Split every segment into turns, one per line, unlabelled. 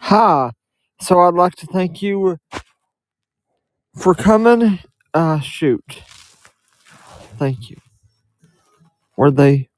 Hi. So I'd like to thank you for coming. Uh, shoot. Thank you. Were they?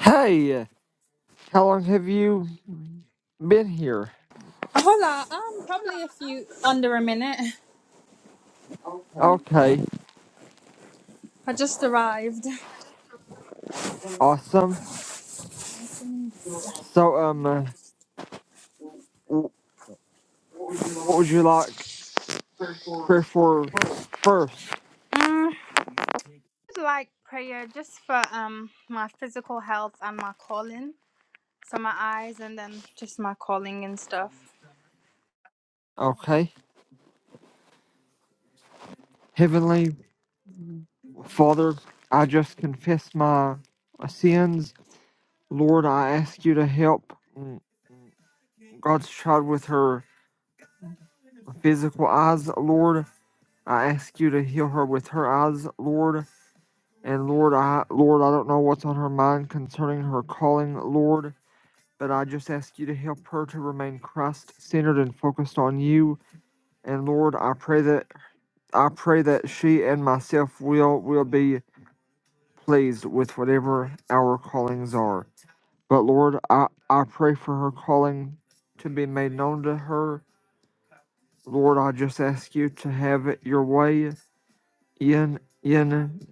Hey, how long have you been here?
Hold on, I'm probably a few under a minute. Okay.
Okay.
I just arrived.
Awesome.
What
So, um, uh, w-
would you like
what would you like
for
prayer for
prayer?
first?
Mm, I'd like prayer just for um my physical health and my calling. So my eyes and then just my calling and stuff.
Okay. Heavenly Father, I just confess my sins. Lord, I ask you to help mm, God's child with her physical eyes, Lord. I ask you to heal her with her eyes, Lord. And Lord, I Lord, I don't know what's on her mind concerning her calling, Lord, but I just ask you to help her to remain Christ-centered and focused on you. And Lord, I pray that I pray that she and myself will will be pleased with whatever our callings are. But Lord, I, I pray for her calling to be made known to her. Lord, I just ask you to have it your way in in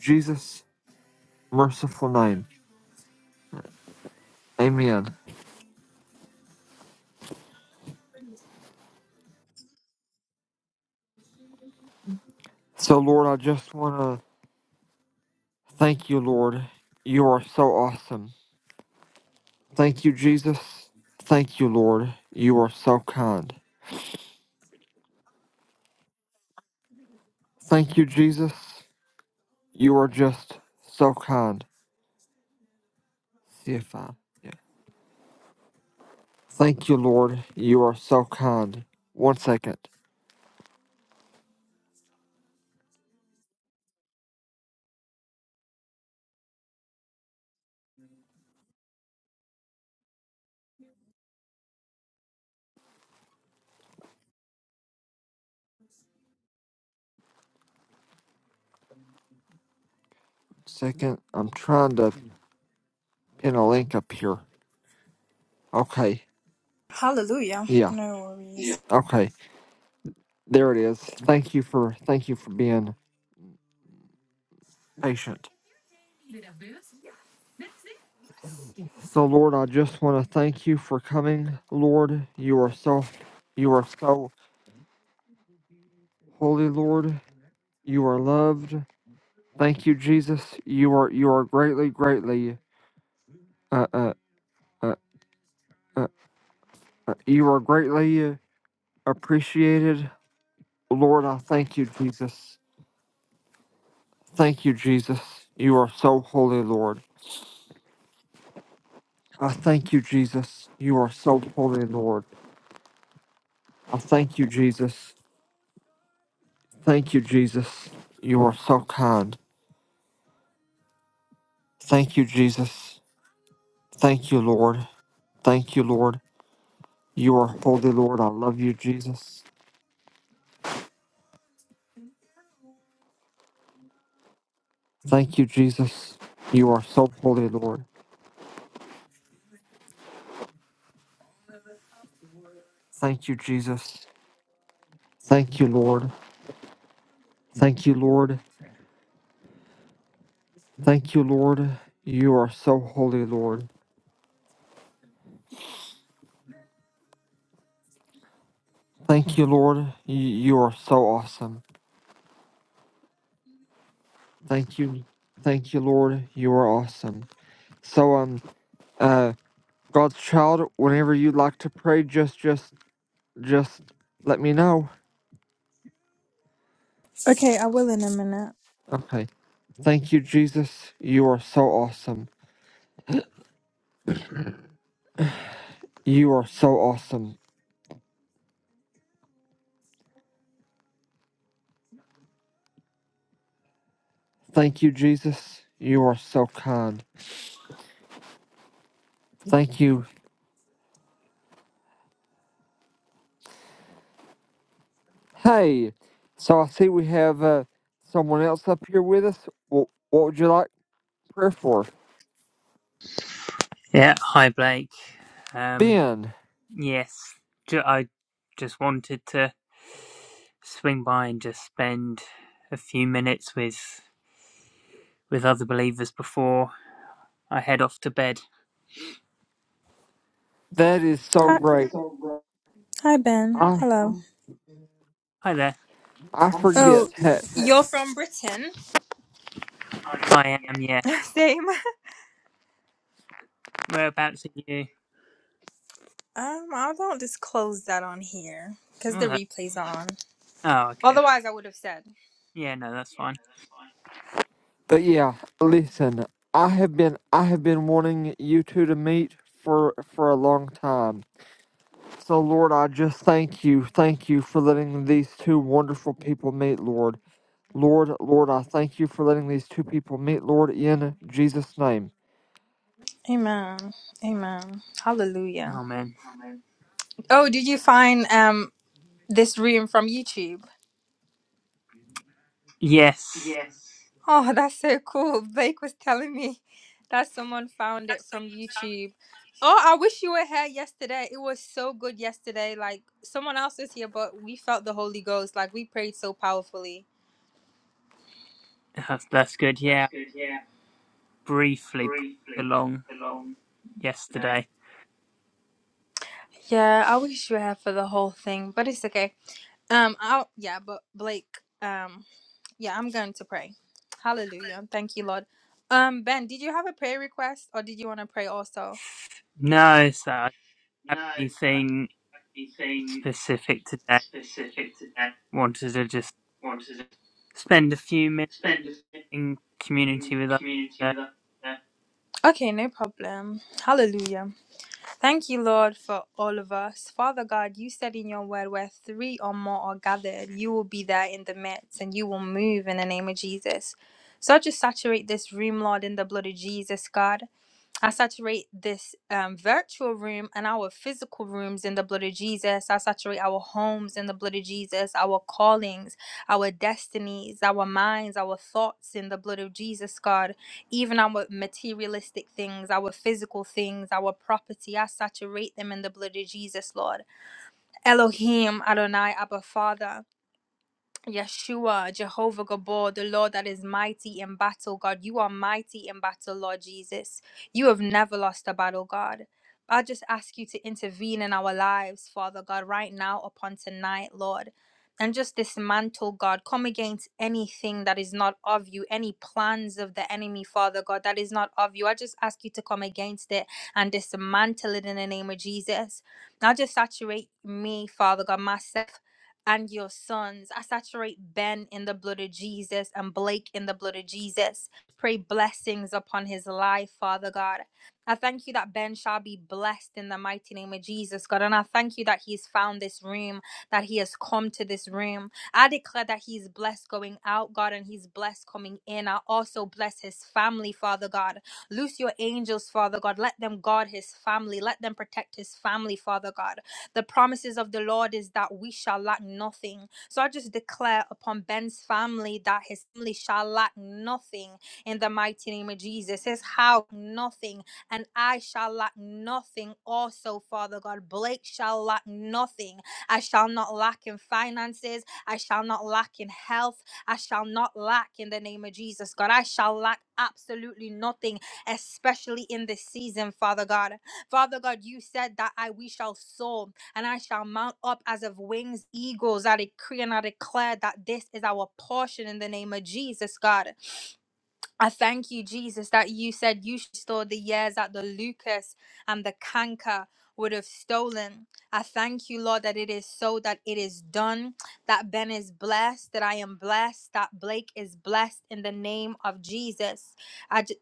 Jesus' merciful name. Amen. So, Lord, I just want to thank you, Lord. You are so awesome. Thank you, Jesus. Thank you, Lord. You are so kind. Thank you, Jesus. You are just so kind. See if I. Yeah. Thank you, Lord. You are so kind. One second. Second. I'm trying to pin a link up here. Okay.
Hallelujah.
Yeah.
No worries. Yeah.
Okay. There it is. Thank you for thank you for being patient. So Lord, I just want to thank you for coming. Lord, you are so you are so holy, Lord. You are loved. Thank you, Jesus. You are you are greatly, greatly uh uh uh, uh, uh you are greatly appreciated. Lord, I thank you, Jesus. Thank you, Jesus. You are so holy, Lord. I thank you, Jesus. You are so holy, Lord. I thank you, Jesus. Thank you, Jesus. You are so kind. Thank you, Jesus. Thank you, Lord. Thank you, Lord. You are holy, Lord. I love you, Jesus. Thank you, Jesus. You are so holy, Lord. Thank you, Jesus. Thank you, Lord. Thank you, Lord. Thank you, Lord. You are so holy, Lord. Thank you, Lord. You, you are so awesome. Thank you. Thank you, Lord. You are awesome. So, um, uh, God's child, whenever you'd like to pray, just, just, just let me know.
Okay, I will in a minute.
Okay. Thank you, Jesus. You are so awesome. You are so awesome. Thank you, Jesus. You are so kind. Thank you. Hey, so I see we have uh, someone else up here with us. Wh- what would you like prayer for?
Yeah, hi Blake. Um,
Ben,
yes, ju- I just wanted to swing by and just spend a few minutes with with other believers before I head off to bed.
that is
That
so
Hi, is
great.
so right. hi Ben.
I
Hello.
Hi there.
I
I'm from- Oh,
forget, ha-
you're from Britain?
I am. Yeah.
Same.
Whereabouts are you?
Um, I don't disclose that on here because the
Oh, that,
replay's on.
oh okay.
Otherwise, I would have said.
Yeah, no, that's fine.
but yeah. Listen, I have been I have been wanting you two to meet for for a long time So, Lord, I just thank you. Thank you for letting these two wonderful people meet, Lord. Lord, Lord, I thank you for letting these two people meet, Lord, in Jesus' name.
Amen. Amen. Hallelujah.
Oh man.
Amen. Oh, did you find um this room from YouTube?
Yes,
Yes. Oh, that's so cool. Blake was telling me that someone found it from YouTube. Oh, I wish you were here yesterday. It was so good yesterday. Like someone else was here, but we felt the Holy Ghost. Like we prayed so powerfully.
that's that's good.
That's
Yeah,
good. Yeah,
briefly popped
Briefly,
along
alone. today.
yesterday.
Yeah, I wish you had for the whole thing, but it's okay. Um, I'll yeah, but Blake, um, yeah, I'm going to pray. Hallelujah. Thank you, Lord. Um, Ben, did you have a prayer request or did you want to pray also?
No, so I don't have
No, so
anything
anything
specific today.
specific to that?
Wanted to just
Want to
spend a few minutes
spend a
in
in
community with others.
community
So,
with us. today. Okay, no problem. Hallelujah. Thank you, Lord, for all of us. Father God, you said in your word, where three or more are gathered, you will be there in the midst and you will move in the name of Jesus. So just saturate this room, Lord, in the blood of Jesus, God. I saturate this um, virtual room and our physical rooms in the blood of Jesus. I saturate our homes in the blood of Jesus, our callings, our destinies, our minds, our thoughts in the blood of Jesus, God. Even our materialistic things, our physical things, our property, I saturate them in the blood of Jesus, Lord. Elohim, Adonai, Abba Father. Yeshua, Jehovah Gabor, the Lord that is mighty in battle, God. You are mighty in battle, Lord Jesus. You have never lost a battle, God. I just ask you to intervene in our lives, Father God, right now upon tonight, Lord. And just dismantle, God. Come against anything that is not of you, any plans of the enemy, Father God, that is not of you. I just ask you to come against it and dismantle it in the name of Jesus. Now just saturate me, Father God, myself and your sons. I saturate Ben in the blood of Jesus and Blake in the blood of Jesus. Pray blessings upon his life, Father God. I thank you that Ben shall be blessed in the mighty name of Jesus, God. And I thank you that he's found this room, that he has come to this room. I declare that he's blessed going out, God, and he's blessed coming in. I also bless his family, Father God. Loose your angels, Father God. Let them guard his family. Let them protect his family, Father God. The promises of the Lord is that we shall lack nothing. So I just declare upon Ben's family that his family shall lack nothing in the mighty name of Jesus. His house, nothing. And I shall lack nothing also, Father God. Blake shall lack nothing. I shall not lack in finances. I shall not lack in health. I shall not lack in the name of Jesus, God. I shall lack absolutely nothing, especially in this season, Father God. Father God, you said that I we shall soar and I shall mount up as of wings eagles. I decree and I declare that this is our portion in the name of Jesus, God. I thank you, Jesus, that you said you stored the years that the Lucas and the canker would have stolen. I thank you, Lord, that it is so, that it is done, that Ben is blessed, that I am blessed, that Blake is blessed in the name of Jesus. I j-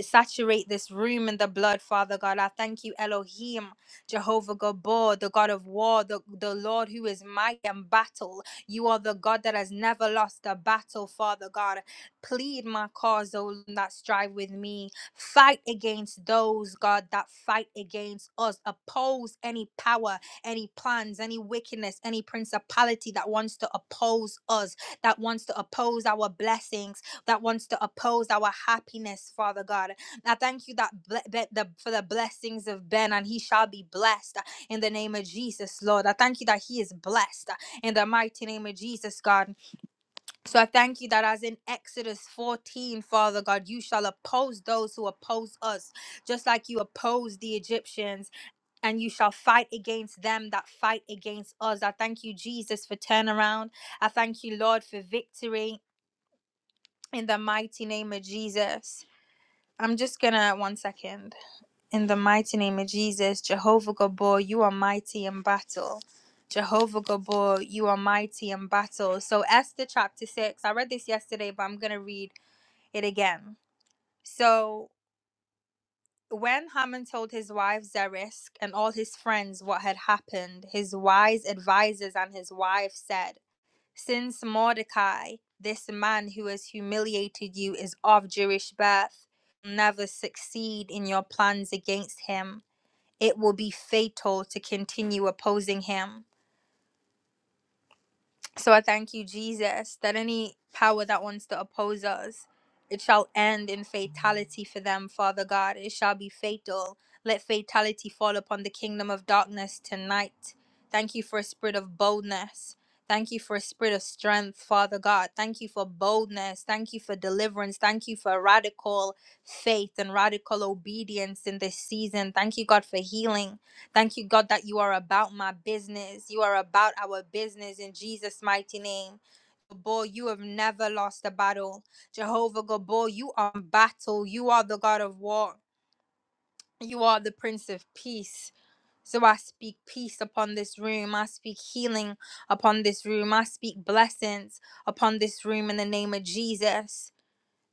saturate this room in the blood, Father God. I thank you, Elohim, Jehovah Gabor, the God of war, the, the Lord who is mighty in battle. You are the God that has never lost a battle, Father God. Plead my cause, O Lord, that strive with me. Fight against those, God, that fight against us. Oppose any power, any plans, any wickedness, any principality that wants to oppose us, that wants to oppose our blessings, that wants to oppose our happiness, Father God. I thank you that ble- that the, for the blessings of Ben, and he shall be blessed in the name of Jesus, Lord. I thank you that he is blessed in the mighty name of Jesus, God. So I thank you that as in Exodus 14, Father God, you shall oppose those who oppose us, just like you opposed the Egyptians, and you shall fight against them that fight against us. I thank you, Jesus, for turnaround. I thank you, Lord, for victory in the mighty name of Jesus. I'm just gonna one second. In the mighty name of Jesus, Jehovah Gabor, you are mighty in battle. Jehovah Gabor, you are mighty in battle. So Esther chapter six. I read this yesterday, but I'm gonna read it again. So when Haman told his wife Zeresh and all his friends what had happened, his wise advisers and his wife said, Since Mordecai, this man who has humiliated you, is of Jewish birth, you'll never succeed in your plans against him. It will be fatal to continue opposing him. So I thank you, Jesus, that any power that wants to oppose us, it shall end in fatality for them, Father God. It shall be fatal. Let fatality fall upon the kingdom of darkness tonight. Thank you for a spirit of boldness. Thank you for a spirit of strength, Father God. Thank you for boldness. Thank you for deliverance. Thank you for radical faith and radical obedience in this season. Thank you, God, for healing. Thank you, God, that you are about my business. You are about our business in Jesus' mighty name. Gabor, you have never lost a battle. Jehovah Gabor, you are in battle. You are the God of war. You are the Prince of Peace. So I speak peace upon this room. I speak healing upon this room. I speak blessings upon this room in the name of Jesus.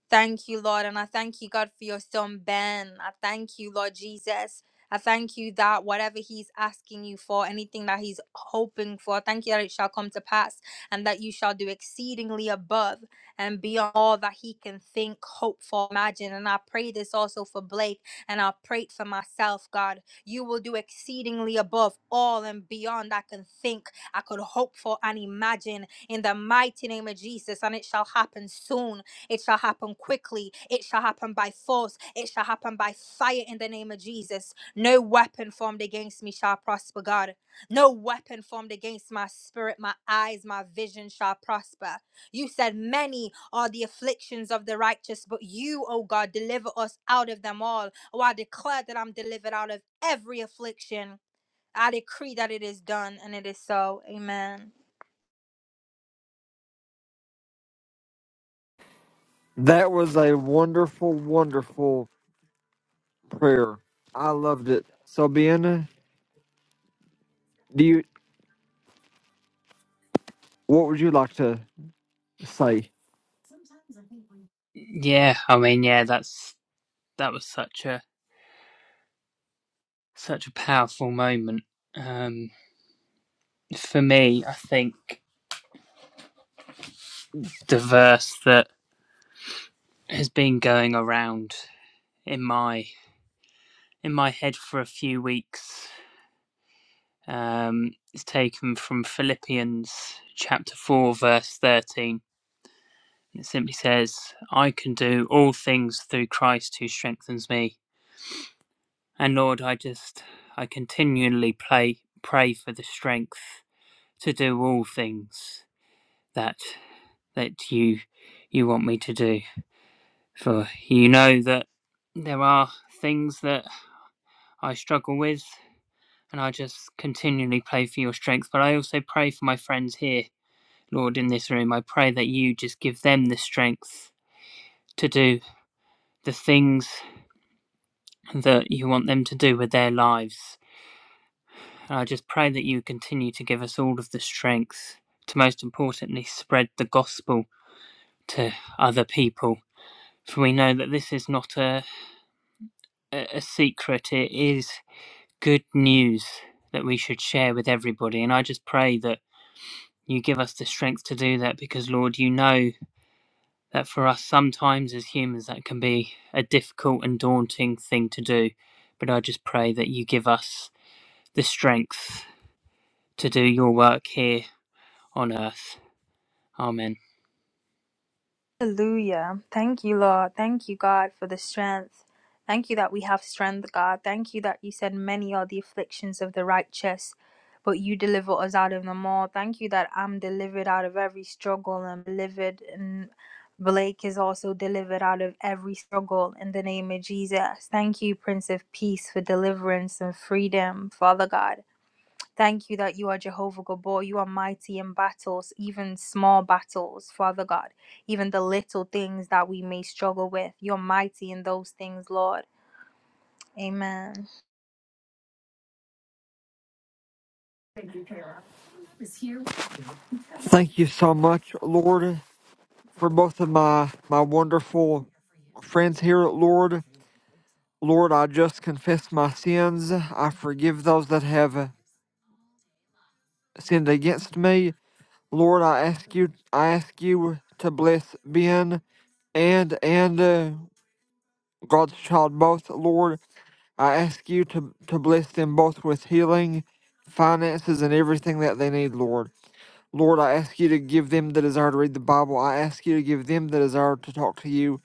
Thank you, Lord. And I thank you, God, for your son, Ben. I thank you, Lord Jesus. I thank you that whatever he's asking you for, anything that he's hoping for, I thank you that it shall come to pass and that you shall do exceedingly above and beyond all that he can think, hope for, imagine. And I pray this also for Blake and I pray it for myself, God. You will do exceedingly above all and beyond I can think, I could hope for, and imagine in the mighty name of Jesus. And it shall happen soon it shall happen quickly. It shall happen by force. It shall happen by fire in the name of Jesus. No weapon formed against me shall prosper, God. No weapon formed against my spirit, my eyes, my vision shall prosper. You said, Many are the afflictions of the righteous, but you, O God, deliver us out of them all. Oh, I declare that I'm delivered out of every affliction. I decree that it is done and it is so. Amen.
That was a wonderful, wonderful prayer. I loved it. So, Bianna, do you, what would you like to say?
yeah, I mean, yeah, that's that was such a such a powerful moment um, for me. I think the verse that has been going around in my in my head for a few weeks um, is taken from Philippians chapter four, verse thirteen. It simply says, "I can do all things through Christ who strengthens me." And Lord, I just, I continually pray pray for the strength to do all things that that you you want me to do. For you know that there are things that I struggle with, and I just continually pray for your strength. But I also pray for my friends here, Lord, in this room. I pray that you just give them the strength to do the things that you want them to do with their lives. And I just pray that you continue to give us all of the strength to, most importantly, spread the gospel to other people. For we know that this is not a, a a secret, it is good news that we should share with everybody. And I just pray that you give us the strength to do that because, Lord, you know that for us, sometimes as humans, that can be a difficult and daunting thing to do. But I just pray that you give us the strength to do your work here on earth. Amen.
Hallelujah. Thank you, Lord. Thank you, God, for the strength. Thank you that we have strength, God. Thank you that you said many are the afflictions of the righteous, but you deliver us out of them all. Thank you that I'm delivered out of every struggle and delivered and Blake is also delivered out of every struggle in the name of Jesus. Thank you, Prince of Peace, for deliverance and freedom, Father God. Thank you that you are Jehovah Gabor. You are mighty in battles, even small battles, Father God, even the little things that we may struggle with. You're mighty in those things, Lord. Amen.
Thank you so much, Lord, for both of my, my wonderful friends here, Lord. Lord, I just confess my sins. I forgive those that have sinned against me. Lord, I ask you, I ask you to bless Ben and and uh, God's child both. Lord, I ask you to to bless them both with healing, finances, and everything that they need. Lord, Lord, I ask you to give them the desire to read the Bible. I ask you to give them the desire to talk to you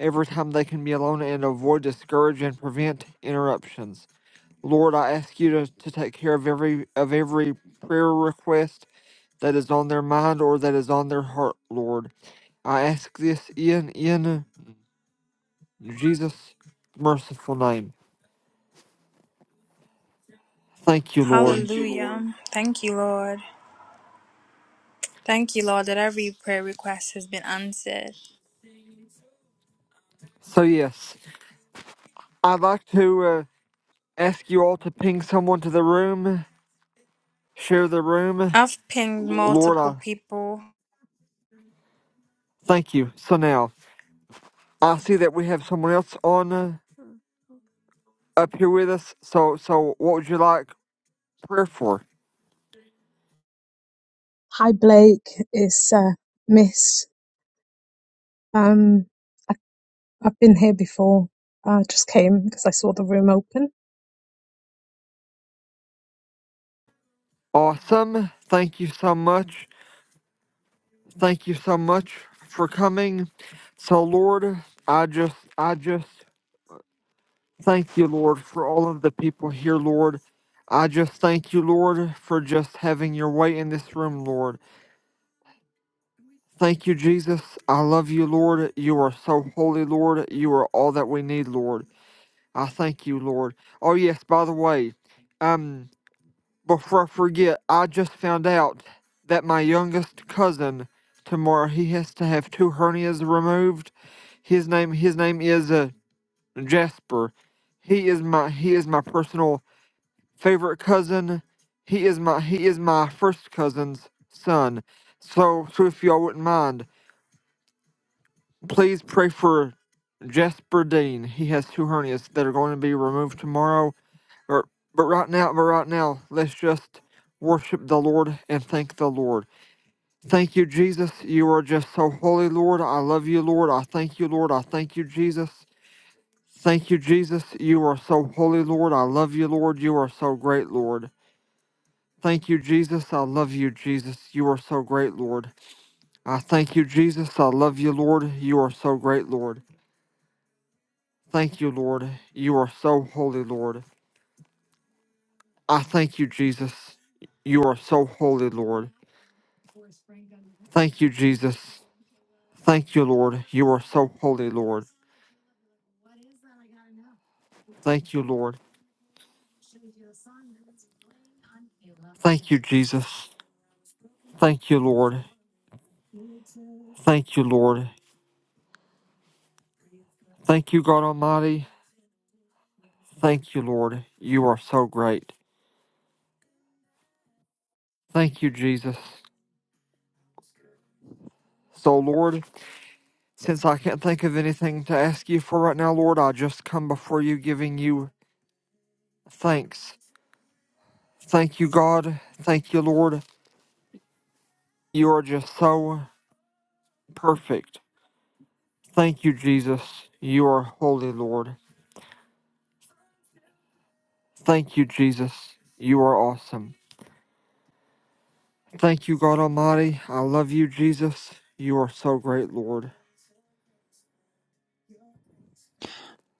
every time they can be alone and avoid discourage and prevent interruptions. Lord, I ask you to, to take care of every of every prayer request that is on their mind or that is on their heart, Lord. I ask this in in Jesus' merciful name. Thank you, Lord.
Hallelujah. Thank you, Lord. Thank you, Lord, that every prayer request has been answered.
So yes, I'd like to uh, ask you all to ping someone to the room, share the room,
I've pinged
Lord.
multiple
I
people.
thank you. So now I see that we have someone else on uh, up here with us. So so, what would you like prayer for?
Hi Blake, it's uh, Miss. Um, I, I've been here before. I just came because I saw the room open.
Awesome. Thank you so much. Thank you so much for coming. So Lord, I just I just thank you, Lord, for all of the people here, Lord. I just thank you, Lord, for just having your way in this room, Lord. Thank you, Jesus. I love you, Lord. You are so holy, Lord. You are all that we need, Lord. I thank you, Lord. Oh yes, by the way, um. Before I forget, I just found out that my youngest cousin tomorrow he has to have two hernias removed. His name his name is uh, Jasper. He is my he is my personal favorite cousin. He is my he is my first cousin's son. So so if y'all wouldn't mind, please pray for Jasper Dean. He has two hernias that are going to be removed tomorrow but but right now, but right now, let's just worship the Lord and thank the Lord. Thank you, Jesus. You are just so holy, Lord. I love you, Lord. I thank you, Lord. I thank you, Jesus. Thank you, Jesus. You are so holy, Lord. I love you, Lord. You are so great, Lord. Thank you, Jesus. I love you, Jesus. You are so great, Lord. I thank you, Jesus. I love you, Lord. You are so great, Lord. Thank you, Lord. You are so holy, Lord. I thank you, Jesus. You are so holy, Lord. Thank you, Jesus. Thank you, Lord. You are so holy, Lord. Thank you, Lord. Thank you, Jesus. Thank you, Lord. Thank you, Lord. Thank you, God Almighty. Thank you, Lord. You are so great. Thank you, Jesus. So, Lord, since I can't think of anything to ask you for right now, Lord, I just come before you giving you thanks. Thank you, God. Thank you, Lord. You are just so perfect. Thank you, Jesus. You are holy, Lord. Thank you, Jesus. You are awesome. Thank you, God Almighty. I love you, Jesus. You are so great, Lord.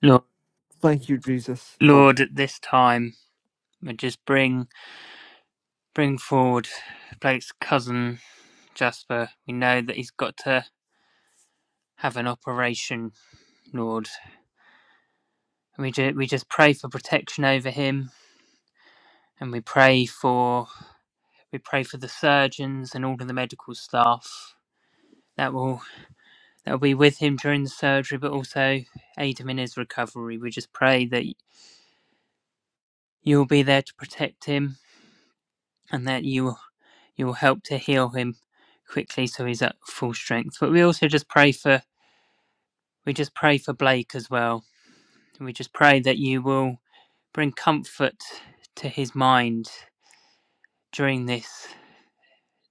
Lord,
Thank you, Jesus. Oh,
Lord, at this time, we just bring bring forward Blake's cousin Jasper. We know that he's got to have an operation, Lord. We ju- we just pray for protection over him, and we pray for we pray for the surgeons and all of the medical staff that will that will be with him during the surgery, but also aid him in his recovery. We just pray that you'll be there to protect him, and that you will you'll help to heal him quickly so he's at full strength. But we also just pray for we just pray for Blake as well. We just pray that you will bring comfort to his mind during this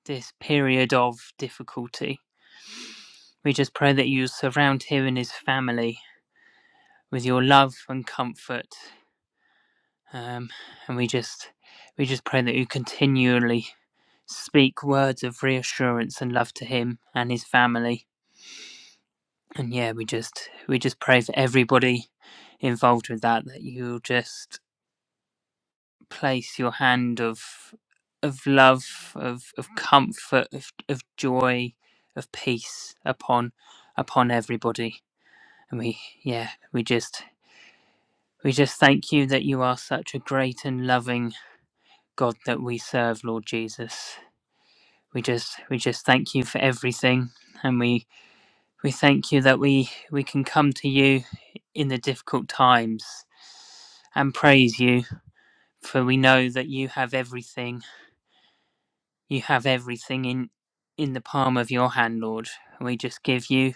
this period of difficulty. We just pray that you surround him and his family with your love and comfort. Um, and we just we just pray that you continually speak words of reassurance and love to him and his family and yeah, we just we just pray for everybody involved with that that you'll just place your hand of of love, of of comfort, of of joy, of peace upon upon everybody. And we yeah, we just we just thank you that you are such a great and loving God that we serve, Lord Jesus. We just we just thank you for everything and we We thank you that we, we can come to you in the difficult times and praise you, for we know that you have everything. You have everything in, in the palm of your hand, Lord. We just give you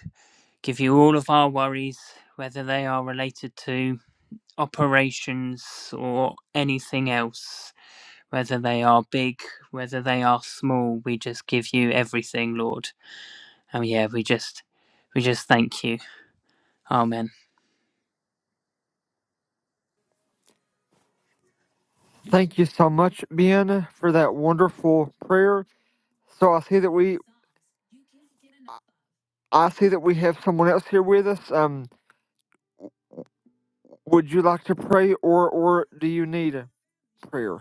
give you all of our worries, whether they are related to operations or anything else, whether they are big, whether they are small, we just give you everything, Lord. And yeah, we just we just thank you. Amen.
thank you so much, Ben, for that wonderful prayer. So I see that we, I see that we have someone else here with us. Um, would you like to pray, or or do you need a prayer?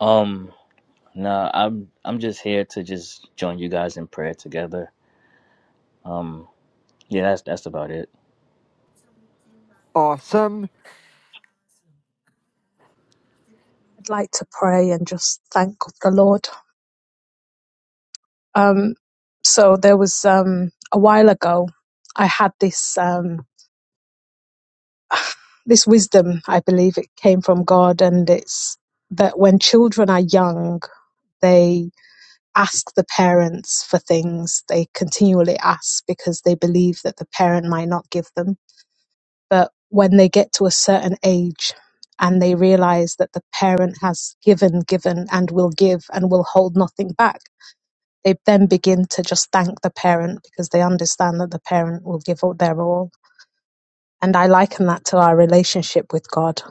Um, nah, I'm I'm just here to just join you guys in prayer together. Um, yeah, that's that's about it.
Awesome!
I'd like to pray and just thank the Lord. Um, so there was um, a while ago, I had this um, this wisdom. I believe it came from God, and it's that when children are young, they ask the parents for things. They continually ask because they believe that the parent might not give them But when they get to a certain age and they realize that the parent has given, given, and will give and will hold nothing back, they then begin to just thank the parent because they understand that the parent will give all their all. And I liken that to our relationship with God.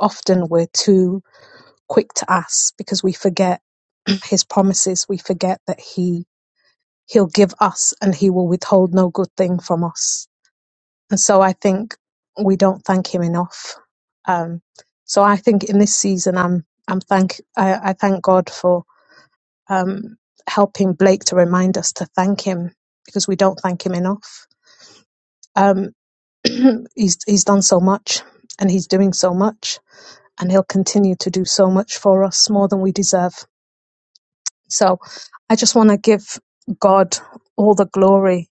Often we're too quick to ask because we forget his promises. We forget that he he'll give us and he will withhold no good thing from us And so I think we don't thank him enough. Um, so I think in this season, I'm I'm thank I, I thank God for um, helping Blake to remind us to thank him because we don't thank him enough. Um, he's he's done so much and he's doing so much and he'll continue to do so much for us more than we deserve. So I just want to give God all the glory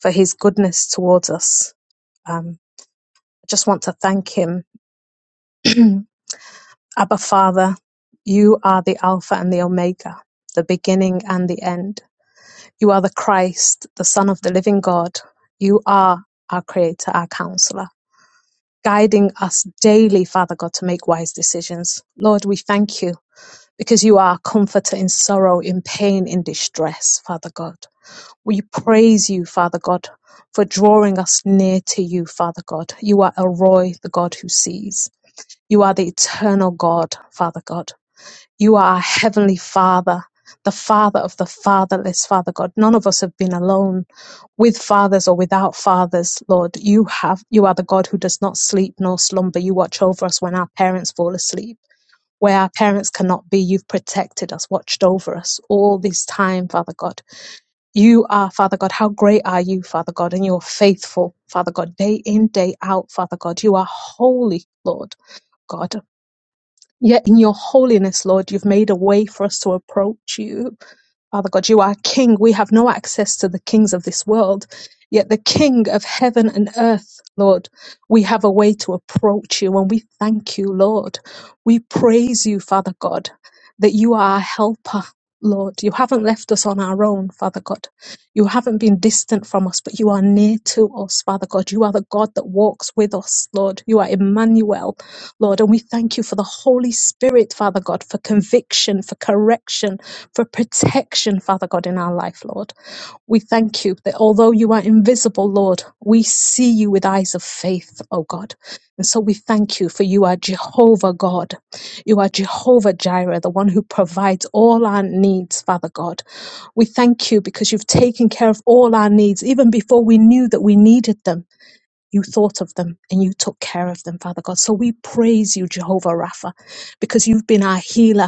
for his goodness towards us. Um, I just want to thank him Abba Father, you are the Alpha and the Omega, the beginning and the end. You are the Christ, the Son of the living God. You are our Creator, our Counselor, guiding us daily, Father God, to make wise decisions. Lord, we thank you because you are our comforter in sorrow, in pain, in distress, Father God. We praise you, Father God, for drawing us near to you, Father God. You are Elroy, the God who sees. You are the eternal God, Father God. You are our Heavenly Father, the Father of the fatherless, Father God. None of us have been alone with fathers or without fathers, Lord. You have, you are the God who does not sleep nor slumber. You watch over us when our parents fall asleep. Where our parents cannot be, you've protected us, watched over us all this time, Father God. You are, Father God, how great are you, Father God, and you're faithful, Father God, day in, day out, Father God. You are holy, Lord God. Yet in your holiness, Lord, you've made a way for us to approach you. Father God, you are King. We have no access to the kings of this world. Yet the King of heaven and earth, Lord, we have a way to approach you and we thank you, Lord. We praise you, Father God, that you are our helper. Lord, you haven't left us on our own, Father God. You haven't been distant from us, but you are near to us, Father God. You are the God that walks with us, Lord. You are Emmanuel. Lord. And we thank you for the Holy Spirit, Father God, for conviction, for correction, for protection, Father God, in our life, Lord. We thank you that although you are invisible, Lord, we see you with eyes of faith, O God. And so we thank you for you are Jehovah God. You are Jehovah Jireh, the one who provides all our needs, Father God. We thank you because you've taken care of all our needs even before we knew that we needed them you thought of them and you took care of them, Father God. So we praise you, Jehovah Rapha, because you've been our healer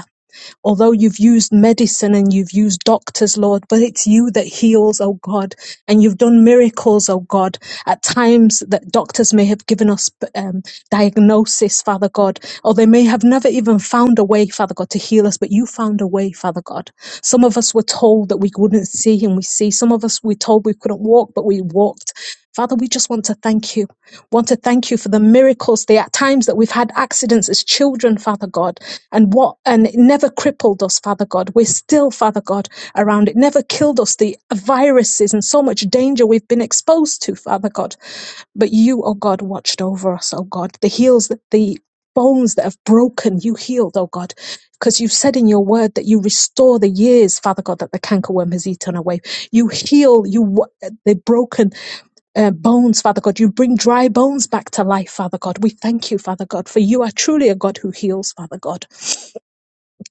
although you've used medicine and you've used doctors, Lord, but it's you that heals, oh God. And you've done miracles, oh God. At times that doctors may have given us um, diagnosis, Father God, or they may have never even found a way, Father God, to heal us, but you found a way, Father God. Some of us were told that we wouldn't see and we see. Some of us were told we couldn't walk, but we walked. Father, we just want to thank you. Want to thank you for the miracles, the at times that we've had accidents as children, Father God and what and it never crippled us father god we're still father god around it never killed us the viruses and so much danger we've been exposed to father god but you oh god watched over us oh god the heels the bones that have broken you healed oh god because you said in your word that you restore the years father god that the cankerworm has eaten away you heal you wa- the broken uh, bones, Father God. You bring dry bones back to life, Father God. We thank you, Father God, for you are truly a God who heals, Father God.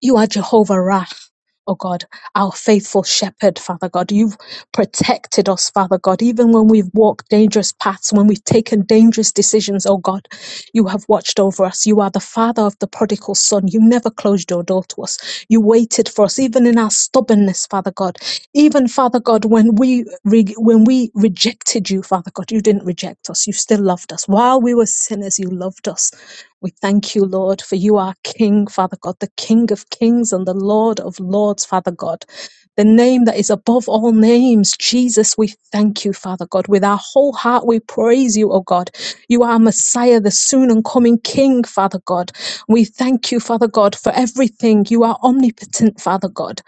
You are Jehovah Raph, oh God, our faithful shepherd, Father God. You've protected us, Father God, even when we've walked dangerous paths, when we've taken dangerous decisions, oh God. You have watched over us. You are the Father of the prodigal son. You never closed your door to us. You waited for us, even in our stubbornness, Father God. Even, Father God, when we re- when we rejected you, Father God, you didn't reject us. You still loved us. While we were sinners, you loved us. We thank you, Lord, for you are King, Father God, the King of kings and the Lord of lords, Father God. The name that is above all names, Jesus, we thank you, Father God. With our whole heart, we praise you, O God. You are Messiah, the soon and coming King, Father God. We thank you, Father God, for everything. You are omnipotent, Father God.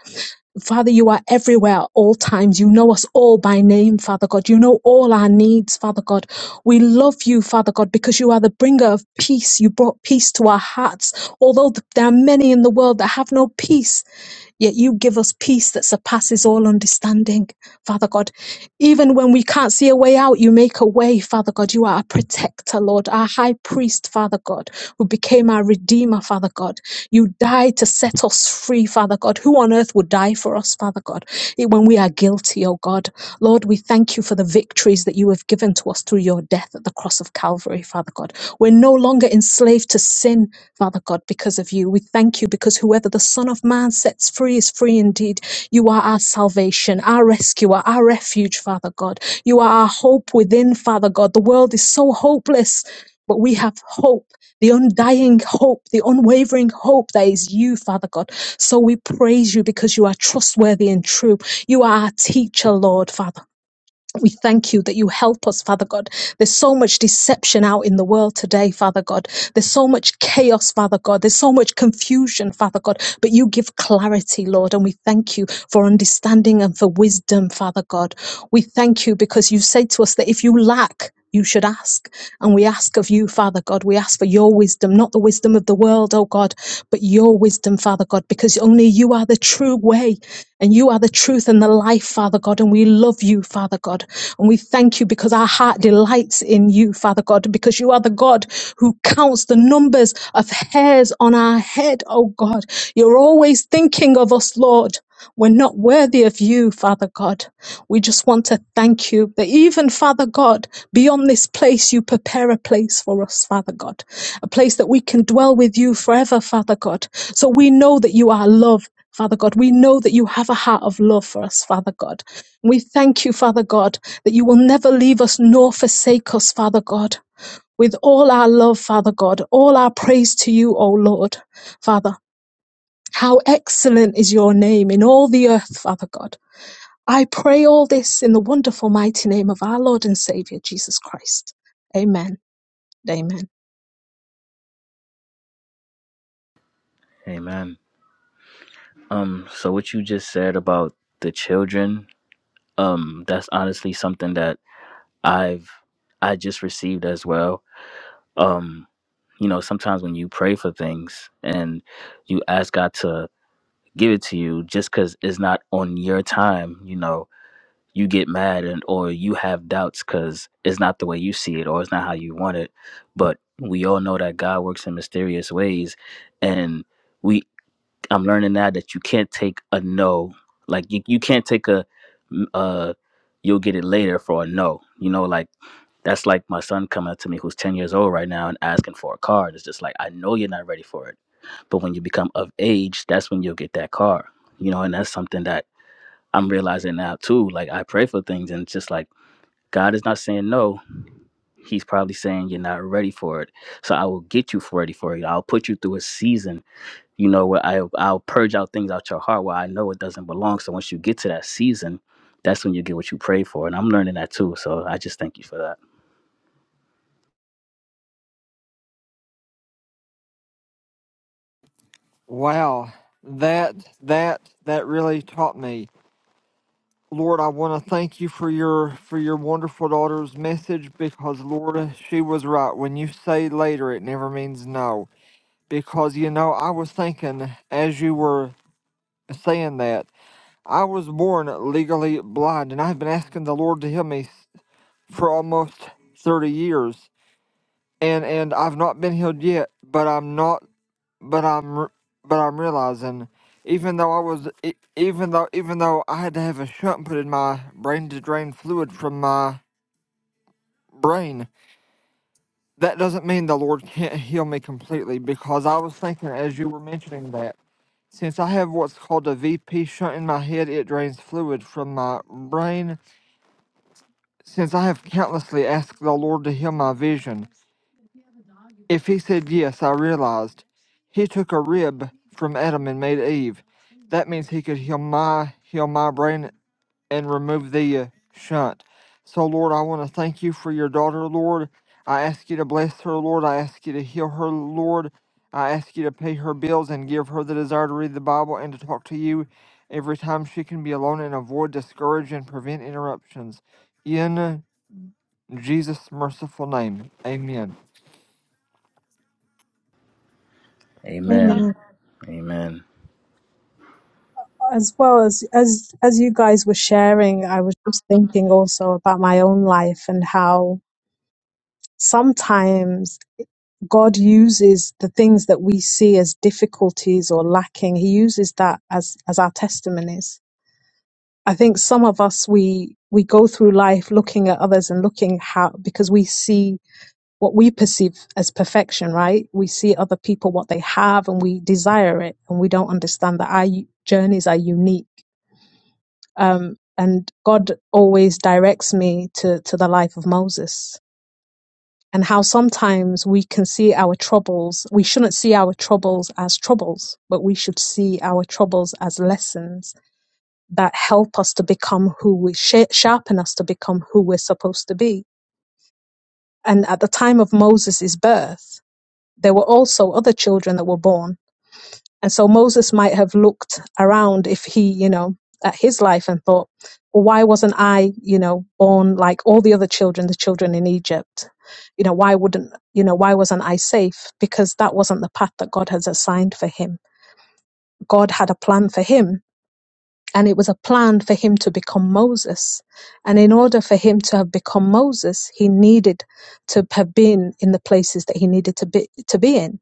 Father, you are everywhere at all times. You know us all by name, Father God. You know all our needs, Father God. We love you, Father God, because you are the bringer of peace. You brought peace to our hearts. Although th- there are many in the world that have no peace, Yet you give us peace that surpasses all understanding, Father God. Even when we can't see a way out, you make a way, Father God. You are our protector, Lord, our high priest, Father God, who became our redeemer, Father God. You died to set us free, Father God. Who on earth would die for us, Father God, eh, when we are guilty, oh God? Lord, we thank you for the victories that you have given to us through your death at the cross of Calvary, Father God. We're no longer enslaved to sin, Father God, because of you. We thank you because whoever the Son of Man sets free is free indeed. You are our salvation, our rescuer, our refuge, Father God. You are our hope within, Father God. The world is so hopeless, but we have hope. The undying hope, the unwavering hope that is you, Father God. So we praise you because you are trustworthy and true. You are our teacher, Lord, Father we thank you that you help us, Father God. There's so much deception out in the world today, Father God. There's so much chaos, Father God. There's so much confusion, Father God. But you give clarity, Lord, and we thank you for understanding and for wisdom, Father God. We thank you because you say to us that if you lack, you should ask. And we ask of you, Father God, we ask for your wisdom, not the wisdom of the world, oh God, but your wisdom, Father God, because only you are the true way and you are the truth and the life, Father God. And we love you, Father God. And we thank you because our heart delights in you, Father God, because you are the God who counts the numbers of hairs on our head, oh God. You're always thinking of us, Lord. We're not worthy of you, Father God. We just want to thank you that even, Father God, beyond this place, you prepare a place for us, Father God, a place that we can dwell with you forever, Father God. So we know that you are love. Father God, we know that you have a heart of love for us, Father God. We thank you, Father God, that you will never leave us nor forsake us, Father God. With all our love, Father God, all our praise to you, O Lord, Father. How excellent is your name in all the earth, Father God. I pray all this in the wonderful, mighty name of our Lord and Savior, Jesus Christ. Amen. Amen.
Amen. Um, so what you just said about the children, um, that's honestly something that I've I just received as well. Um, you know, sometimes when you pray for things and you ask God to give it to you just because it's not on your time, you know, you get mad and or you have doubts because it's not the way you see it or it's not how you want it but we all know that god works in mysterious ways and we i'm learning now that you can't take a no like you, you can't take a mm, uh you'll get it later for a no you know like that's like my son coming up to me who's 10 years old right now and asking for a car it's just like i know you're not ready for it but when you become of age that's when you'll get that car you know and that's something that i'm realizing now too like i pray for things and it's just like God is not saying no. He's probably saying you're not ready for it. So I will get you ready for it. I'll put you through a season, you know, where I, I'll purge out things out your heart where I know it doesn't belong. So once you get to that season, that's when you get what you pray for. And I'm learning that too. So I just thank you for that.
Wow, that that that really taught me. Lord, I want to thank you for your for your wonderful daughter's message because Lord, she was right. When you say later, it never means no. Because you know, I was thinking as you were saying that, I was born legally blind and I've been asking the Lord to heal me s- for almost 30 years. And and I've not been healed yet, but I'm not but I'm re- but I'm realizing, even though I was e- even though even though I had to have a shunt put in my brain to drain fluid from my brain, that doesn't mean the Lord can't heal me completely. Because I was thinking as you were mentioning that, since I have what's called a VP shunt in my head, it drains fluid from my brain. Since I have countlessly asked the Lord to heal my vision. If he said yes, I realized he took a rib from Adam and made Eve. That means he could heal my heal my brain and remove the uh, shunt. So Lord, I want to thank you for your daughter, Lord. I ask you to bless her, Lord. I ask you to heal her, Lord. I ask you to pay her bills and give her the desire to read the Bible and to talk to you every time she can be alone and avoid discourage and prevent interruptions. In Jesus' merciful name, amen.
Amen.
Amen.
Amen.
As well as as as you guys were sharing, I was just thinking also about my own life and how sometimes God uses the things that we see as difficulties or lacking. He uses that as as our testimonies I think some of us we we go through life looking at others and looking how because we see what we perceive as perfection, right? We see other people what they have and we desire it, and we don't understand that our u- journeys are unique. Um, and God always directs me to to the life of Moses, and how sometimes we can see our troubles. We shouldn't see our troubles as troubles, but we should see our troubles as lessons that help us to become who we sh- sharpen us to become who we're supposed to be. And at the time of Moses' birth, there were also other children that were born. And so Moses might have looked around if he, you know, at his life and thought, well, why wasn't I, you know, born like all the other children, the children in Egypt? You know, why wouldn't, you know, why wasn't I safe? Because that wasn't the path that God has assigned for him. God had a plan for him and it was a plan for him to become Moses. And in order for him to have become Moses, he needed to have been in the places that he needed to be to be in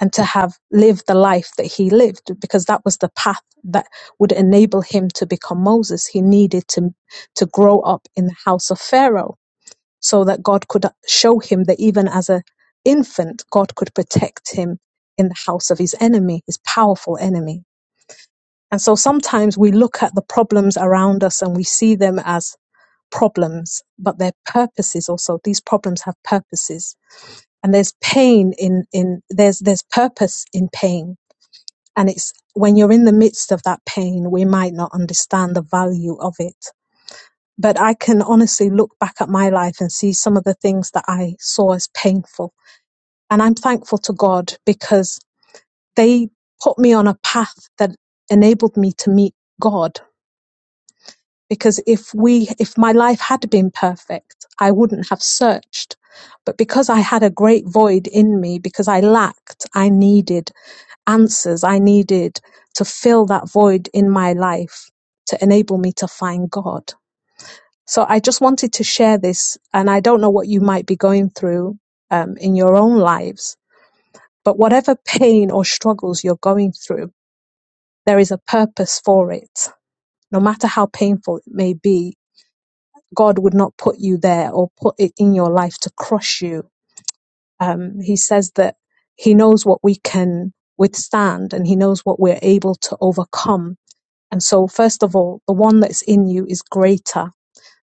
and to have lived the life that he lived because that was the path that would enable him to become Moses. He needed to to grow up in the house of Pharaoh so that God could show him that even as a infant, God could protect him in the house of his enemy, his powerful enemy. And so sometimes we look at the problems around us and we see them as problems, but their purposes also, these problems have purposes. And there's pain in, in there's there's purpose in pain. And it's when you're in the midst of that pain, we might not understand the value of it. But I can honestly look back at my life and see some of the things that I saw as painful. And I'm thankful to God because they put me on a path that enabled me to meet God because if we if my life had been perfect i wouldn't have searched but because i had a great void in me because i lacked i needed answers i needed to fill that void in my life to enable me to find god so i just wanted to share this and i don't know what you might be going through um, in your own lives but whatever pain or struggles you're going through there is a purpose for it no matter how painful it may be God would not put you there or put it in your life to crush you. Um, he says that He knows what we can withstand and He knows what we're able to overcome. And so, first of all, the one that's in you is greater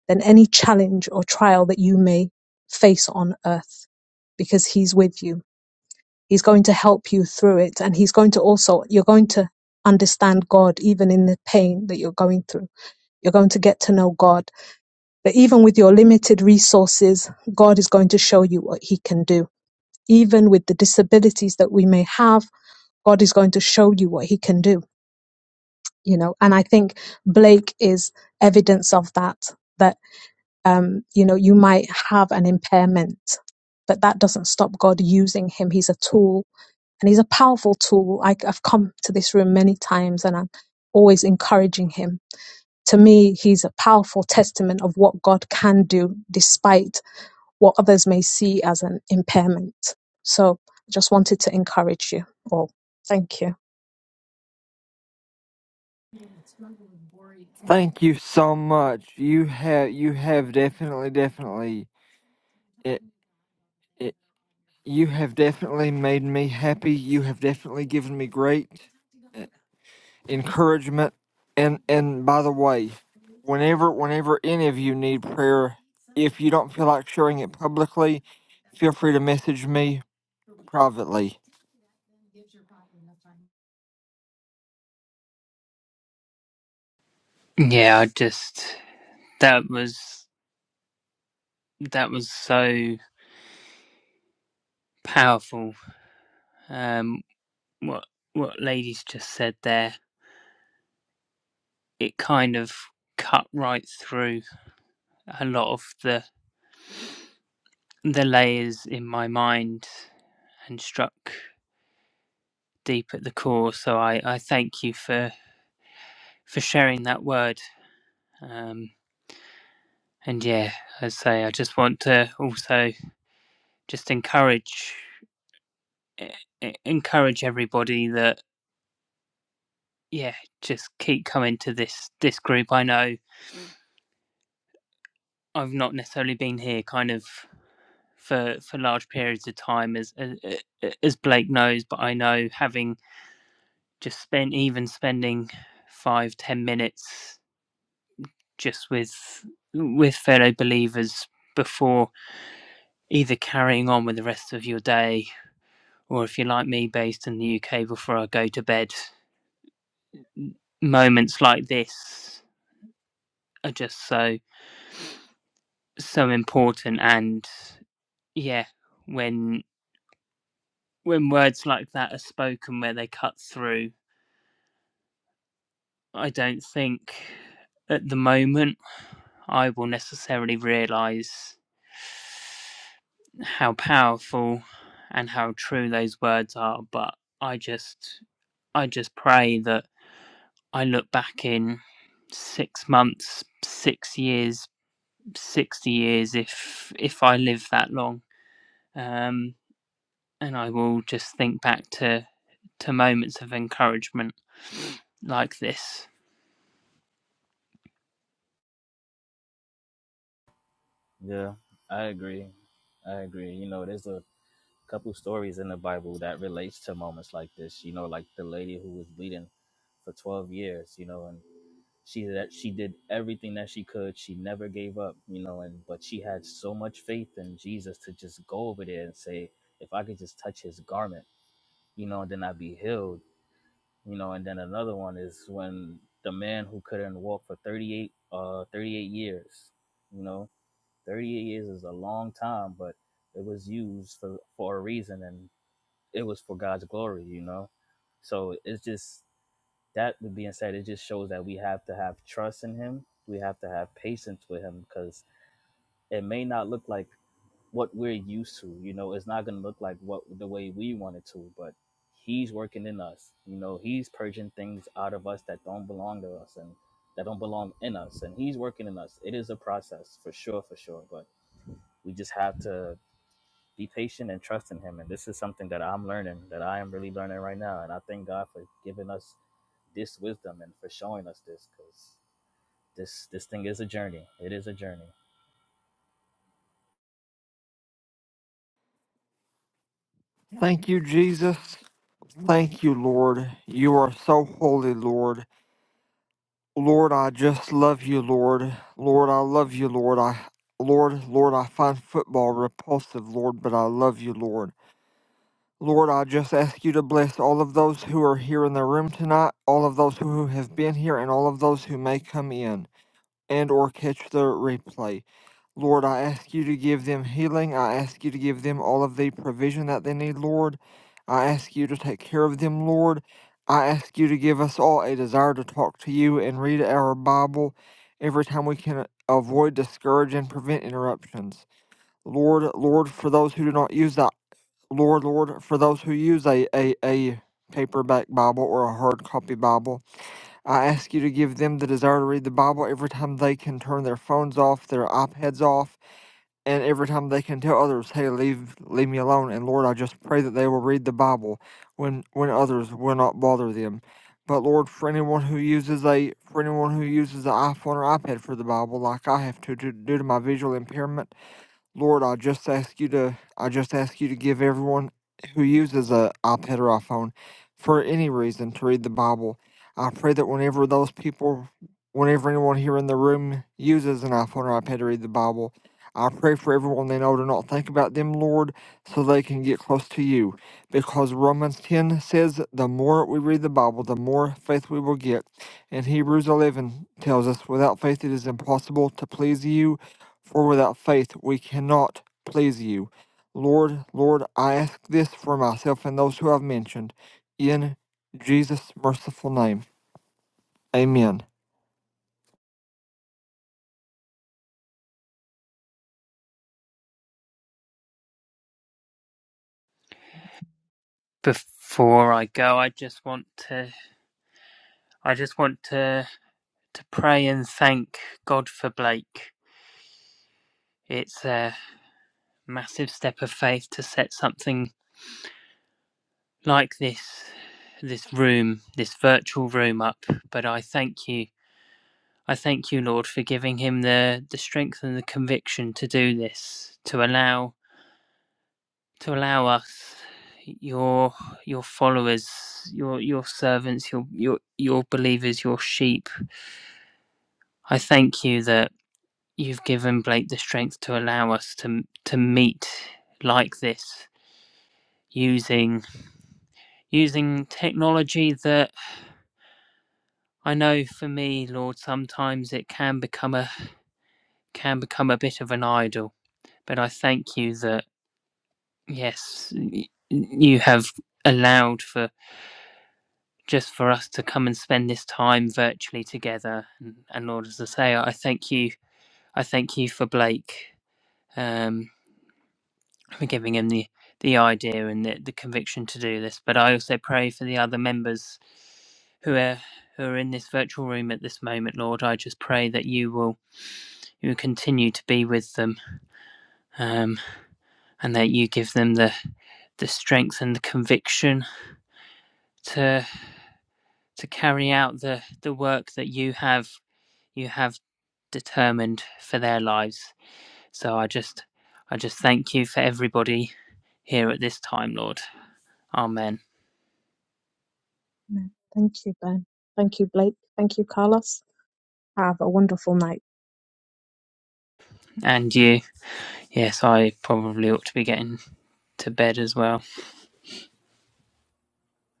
than any challenge or trial that you may face on earth because He's with you. He's going to help you through it. And He's going to also, you're going to understand God even in the pain that you're going through. You're going to get to know God that even with your limited resources, God is going to show you what He can do. Even with the disabilities that we may have, God is going to show you what He can do. You know, and I think Blake is evidence of that. That um, you know, you might have an impairment, but that doesn't stop God using him. He's a tool, and he's a powerful tool. I, I've come to this room many times, and I'm always encouraging him. To me, he's a powerful testament of what God can do despite what others may see as an impairment. So I just wanted to encourage you all. Thank you.
Thank you so much. You have you have definitely definitely it, it you have definitely made me happy. You have definitely given me great uh, encouragement. And and by the way, whenever whenever any of you need prayer, if you don't feel like sharing it publicly, feel free to message me privately.
Yeah, I just that was that was so powerful. Um, what what ladies just said there, it kind of cut right through a lot of the the layers in my mind and struck deep at the core. So I I thank you for for sharing that word. Um, and yeah, as I say, I just want to also just encourage e- e- encourage everybody that yeah, just keep coming to this this group. I know I've not necessarily been here kind of for for large periods of time as as, as Blake knows, but I know having just spent even spending five ten minutes just with with fellow believers before either carrying on with the rest of your day or if you're like me based in the UK before I go to bed moments like this are just so so important and Yeah, when when words like that are spoken where they cut through, I don't think at the moment I will necessarily realize how powerful and how true those words are, but I just I just pray that I look back in 6 months, 6 years, 60 years if if I live that long. Um and I will just think back to to moments of encouragement like this
Yeah, I agree. I agree. You know, there's a couple stories in the Bible that relates to moments like this. You know, like the lady who was bleeding for 12 years. You know, and she that she did everything that she could she never gave up you know and but she had so much faith in jesus to just go over there and say if i could just touch his garment you know then i'd be healed you know and then another one is when the man who couldn't walk for 38 uh 38 years you know 38 years is a long time but it was used for for a reason and it was for god's glory you know so it's just that with being said, It just shows that we have to have trust in him. We have to have patience with him because it may not look like what we're used to. You know, it's not going to look like what the way we want it to, but he's working in us. You know, he's purging things out of us that don't belong to us and that don't belong in us. And he's working in us. It is a process for sure, for sure. But we just have to be patient and trust in him. And this is something that I'm learning, that I am really learning right now. And I thank God for giving us this wisdom and for showing us this because this this thing is a journey. It is a journey.
Thank you, Jesus. Thank you, Lord. You are so holy, Lord. Lord, I just love you, Lord. Lord, I love you, Lord. I Lord, Lord, I find football repulsive, Lord, but I love you, Lord. Lord, I just ask you to bless all of those who are here in the room tonight, all of those who have been here, and all of those who may come in and or catch the replay. Lord, I ask you to give them healing. I ask you to give them all of the provision that they need, Lord. I ask you to take care of them, Lord. I ask you to give us all a desire to talk to you and read our Bible every time we can uh, avoid, discourage, and prevent interruptions. Lord, Lord, for those who do not use that, Lord, Lord, for those who use a, a, a paperback Bible or a hard copy Bible, I ask you to give them the desire to read the Bible every time they can turn their phones off, their iPads off, and every time they can tell others, "Hey, leave leave me alone." And Lord, I just pray that they will read the Bible when when others will not bother them. But Lord, for anyone who uses a for anyone who uses an iPhone or iPad for the Bible, like I have to, to due to my visual impairment, Lord, I just ask you to I just ask you to give everyone who uses a iPad or iPhone for any reason to read the Bible. I pray that whenever those people whenever anyone here in the room uses an iPhone or iPad to read the Bible, I pray for everyone they know to not think about them, Lord, so they can get close to you. Because Romans 10 says, the more we read the Bible, the more faith we will get. And Hebrews 11 tells us, without faith it is impossible to please you for without faith we cannot please you. Lord, Lord, I ask this for myself and those who I've mentioned. In Jesus' merciful name. Amen.
before I go. I just want to I just want to to pray and thank God for Blake. It's a massive step of faith to set something like this this room, this virtual room up, but I thank you. I thank you, Lord, for giving him the the strength and the conviction to do this, to allow to allow us your your followers your your servants your your your believers your sheep i thank you that you've given blake the strength to allow us to to meet like this using using technology that i know for me lord sometimes it can become a can become a bit of an idol but i thank you that yes you have allowed for just for us to come and spend this time virtually together. And, and Lord, as I say, I thank you. I thank you for Blake um, for giving him the, the idea and the, the conviction to do this. But I also pray for the other members who are who are in this virtual room at this moment, Lord. I just pray that you will you will continue to be with them um, and that you give them the the strength and the conviction to to carry out the the work that you have you have determined for their lives. So I just I just thank you for everybody here at this time, Lord. Amen.
Thank you, Ben. Thank you, Blake. Thank you, Carlos. Have a wonderful night.
And you. Yes, I probably ought to be getting to bed as well.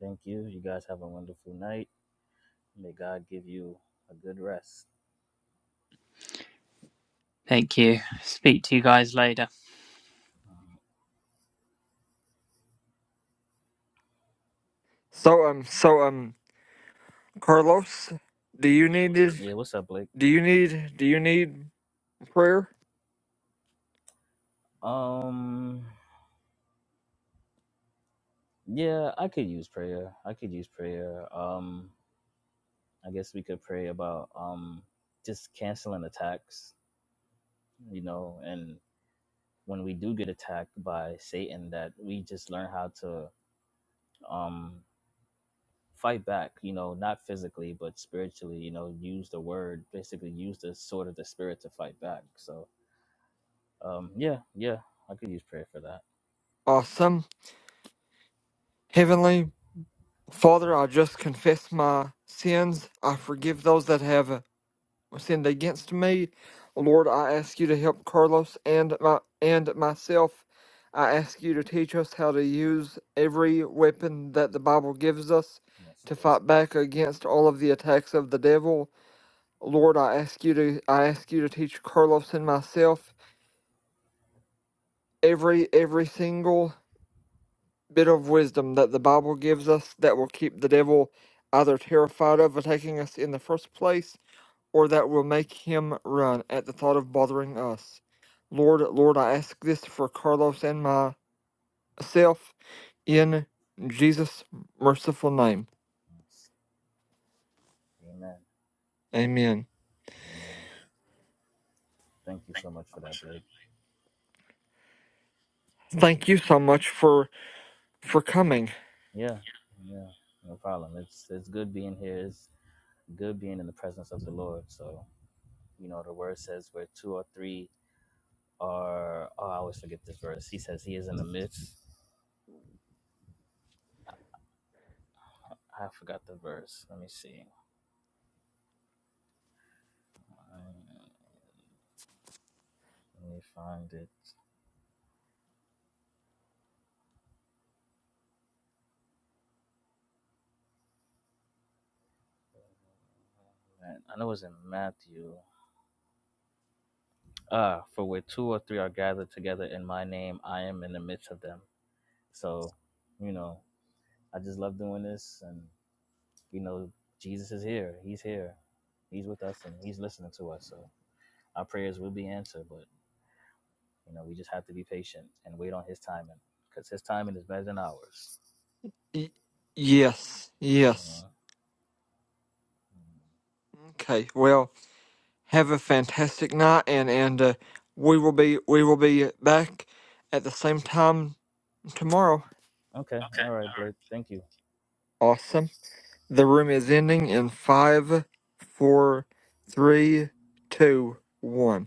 Thank you. You guys have a wonderful night. May God give you a good rest.
Thank you. Speak to you guys later.
Um,
So um so um Carlos, do you need
yeah, what's up, Blake?
do you need do you need prayer?
Um, yeah, I could use prayer. I could use prayer. Um, I guess we could pray about um just canceling attacks, you know, and when we do get attacked by Satan, that we just learn how to um fight back you know not physically but spiritually you know use the word basically use the sword of the spirit to fight back so um yeah yeah i could use prayer for that
Awesome. Heavenly Father, I just confess my sins. I forgive those that have uh, sinned against me. Lord, I ask you to help Carlos and my and myself. I ask you to teach us how to use every weapon that the Bible gives us
yes
to
lord
fight back against all of the attacks of the devil. Lord, I ask you to I ask you to teach Carlos and myself every every single bit of wisdom that the Bible gives us that will keep the devil either terrified of attacking us in the first place or that will make him run at the thought of bothering us. Lord, Lord, I ask this for Carlos and myself in Jesus' merciful name.
yes. amen
Amen.
amen thank you so much for that blake
Thank you so much for for coming.
yeah yeah no problem it's it's good being here it's good being in the presence of the lord so you know the word says where two or three are oh i always forget this verse he says he is in the midst i forgot the verse let me see Uh, let me find it And I know it was in Matthew. Uh, for where two or three are gathered together in my name, I am in the midst of them. So, you know, I just love doing this and you know, Jesus is here. He's here. He's with us and he's listening to us. So our prayers will be answered, but you know, we just have to be patient and wait on his timing because his timing is better than ours.
Y- yes, yes.
Uh-huh.
Okay. Well, have a fantastic night, and and uh, we will be we will be back at the same time tomorrow.
Okay. All right, Blake. Thank you.
Awesome. The room is ending in five, four, three, two, one.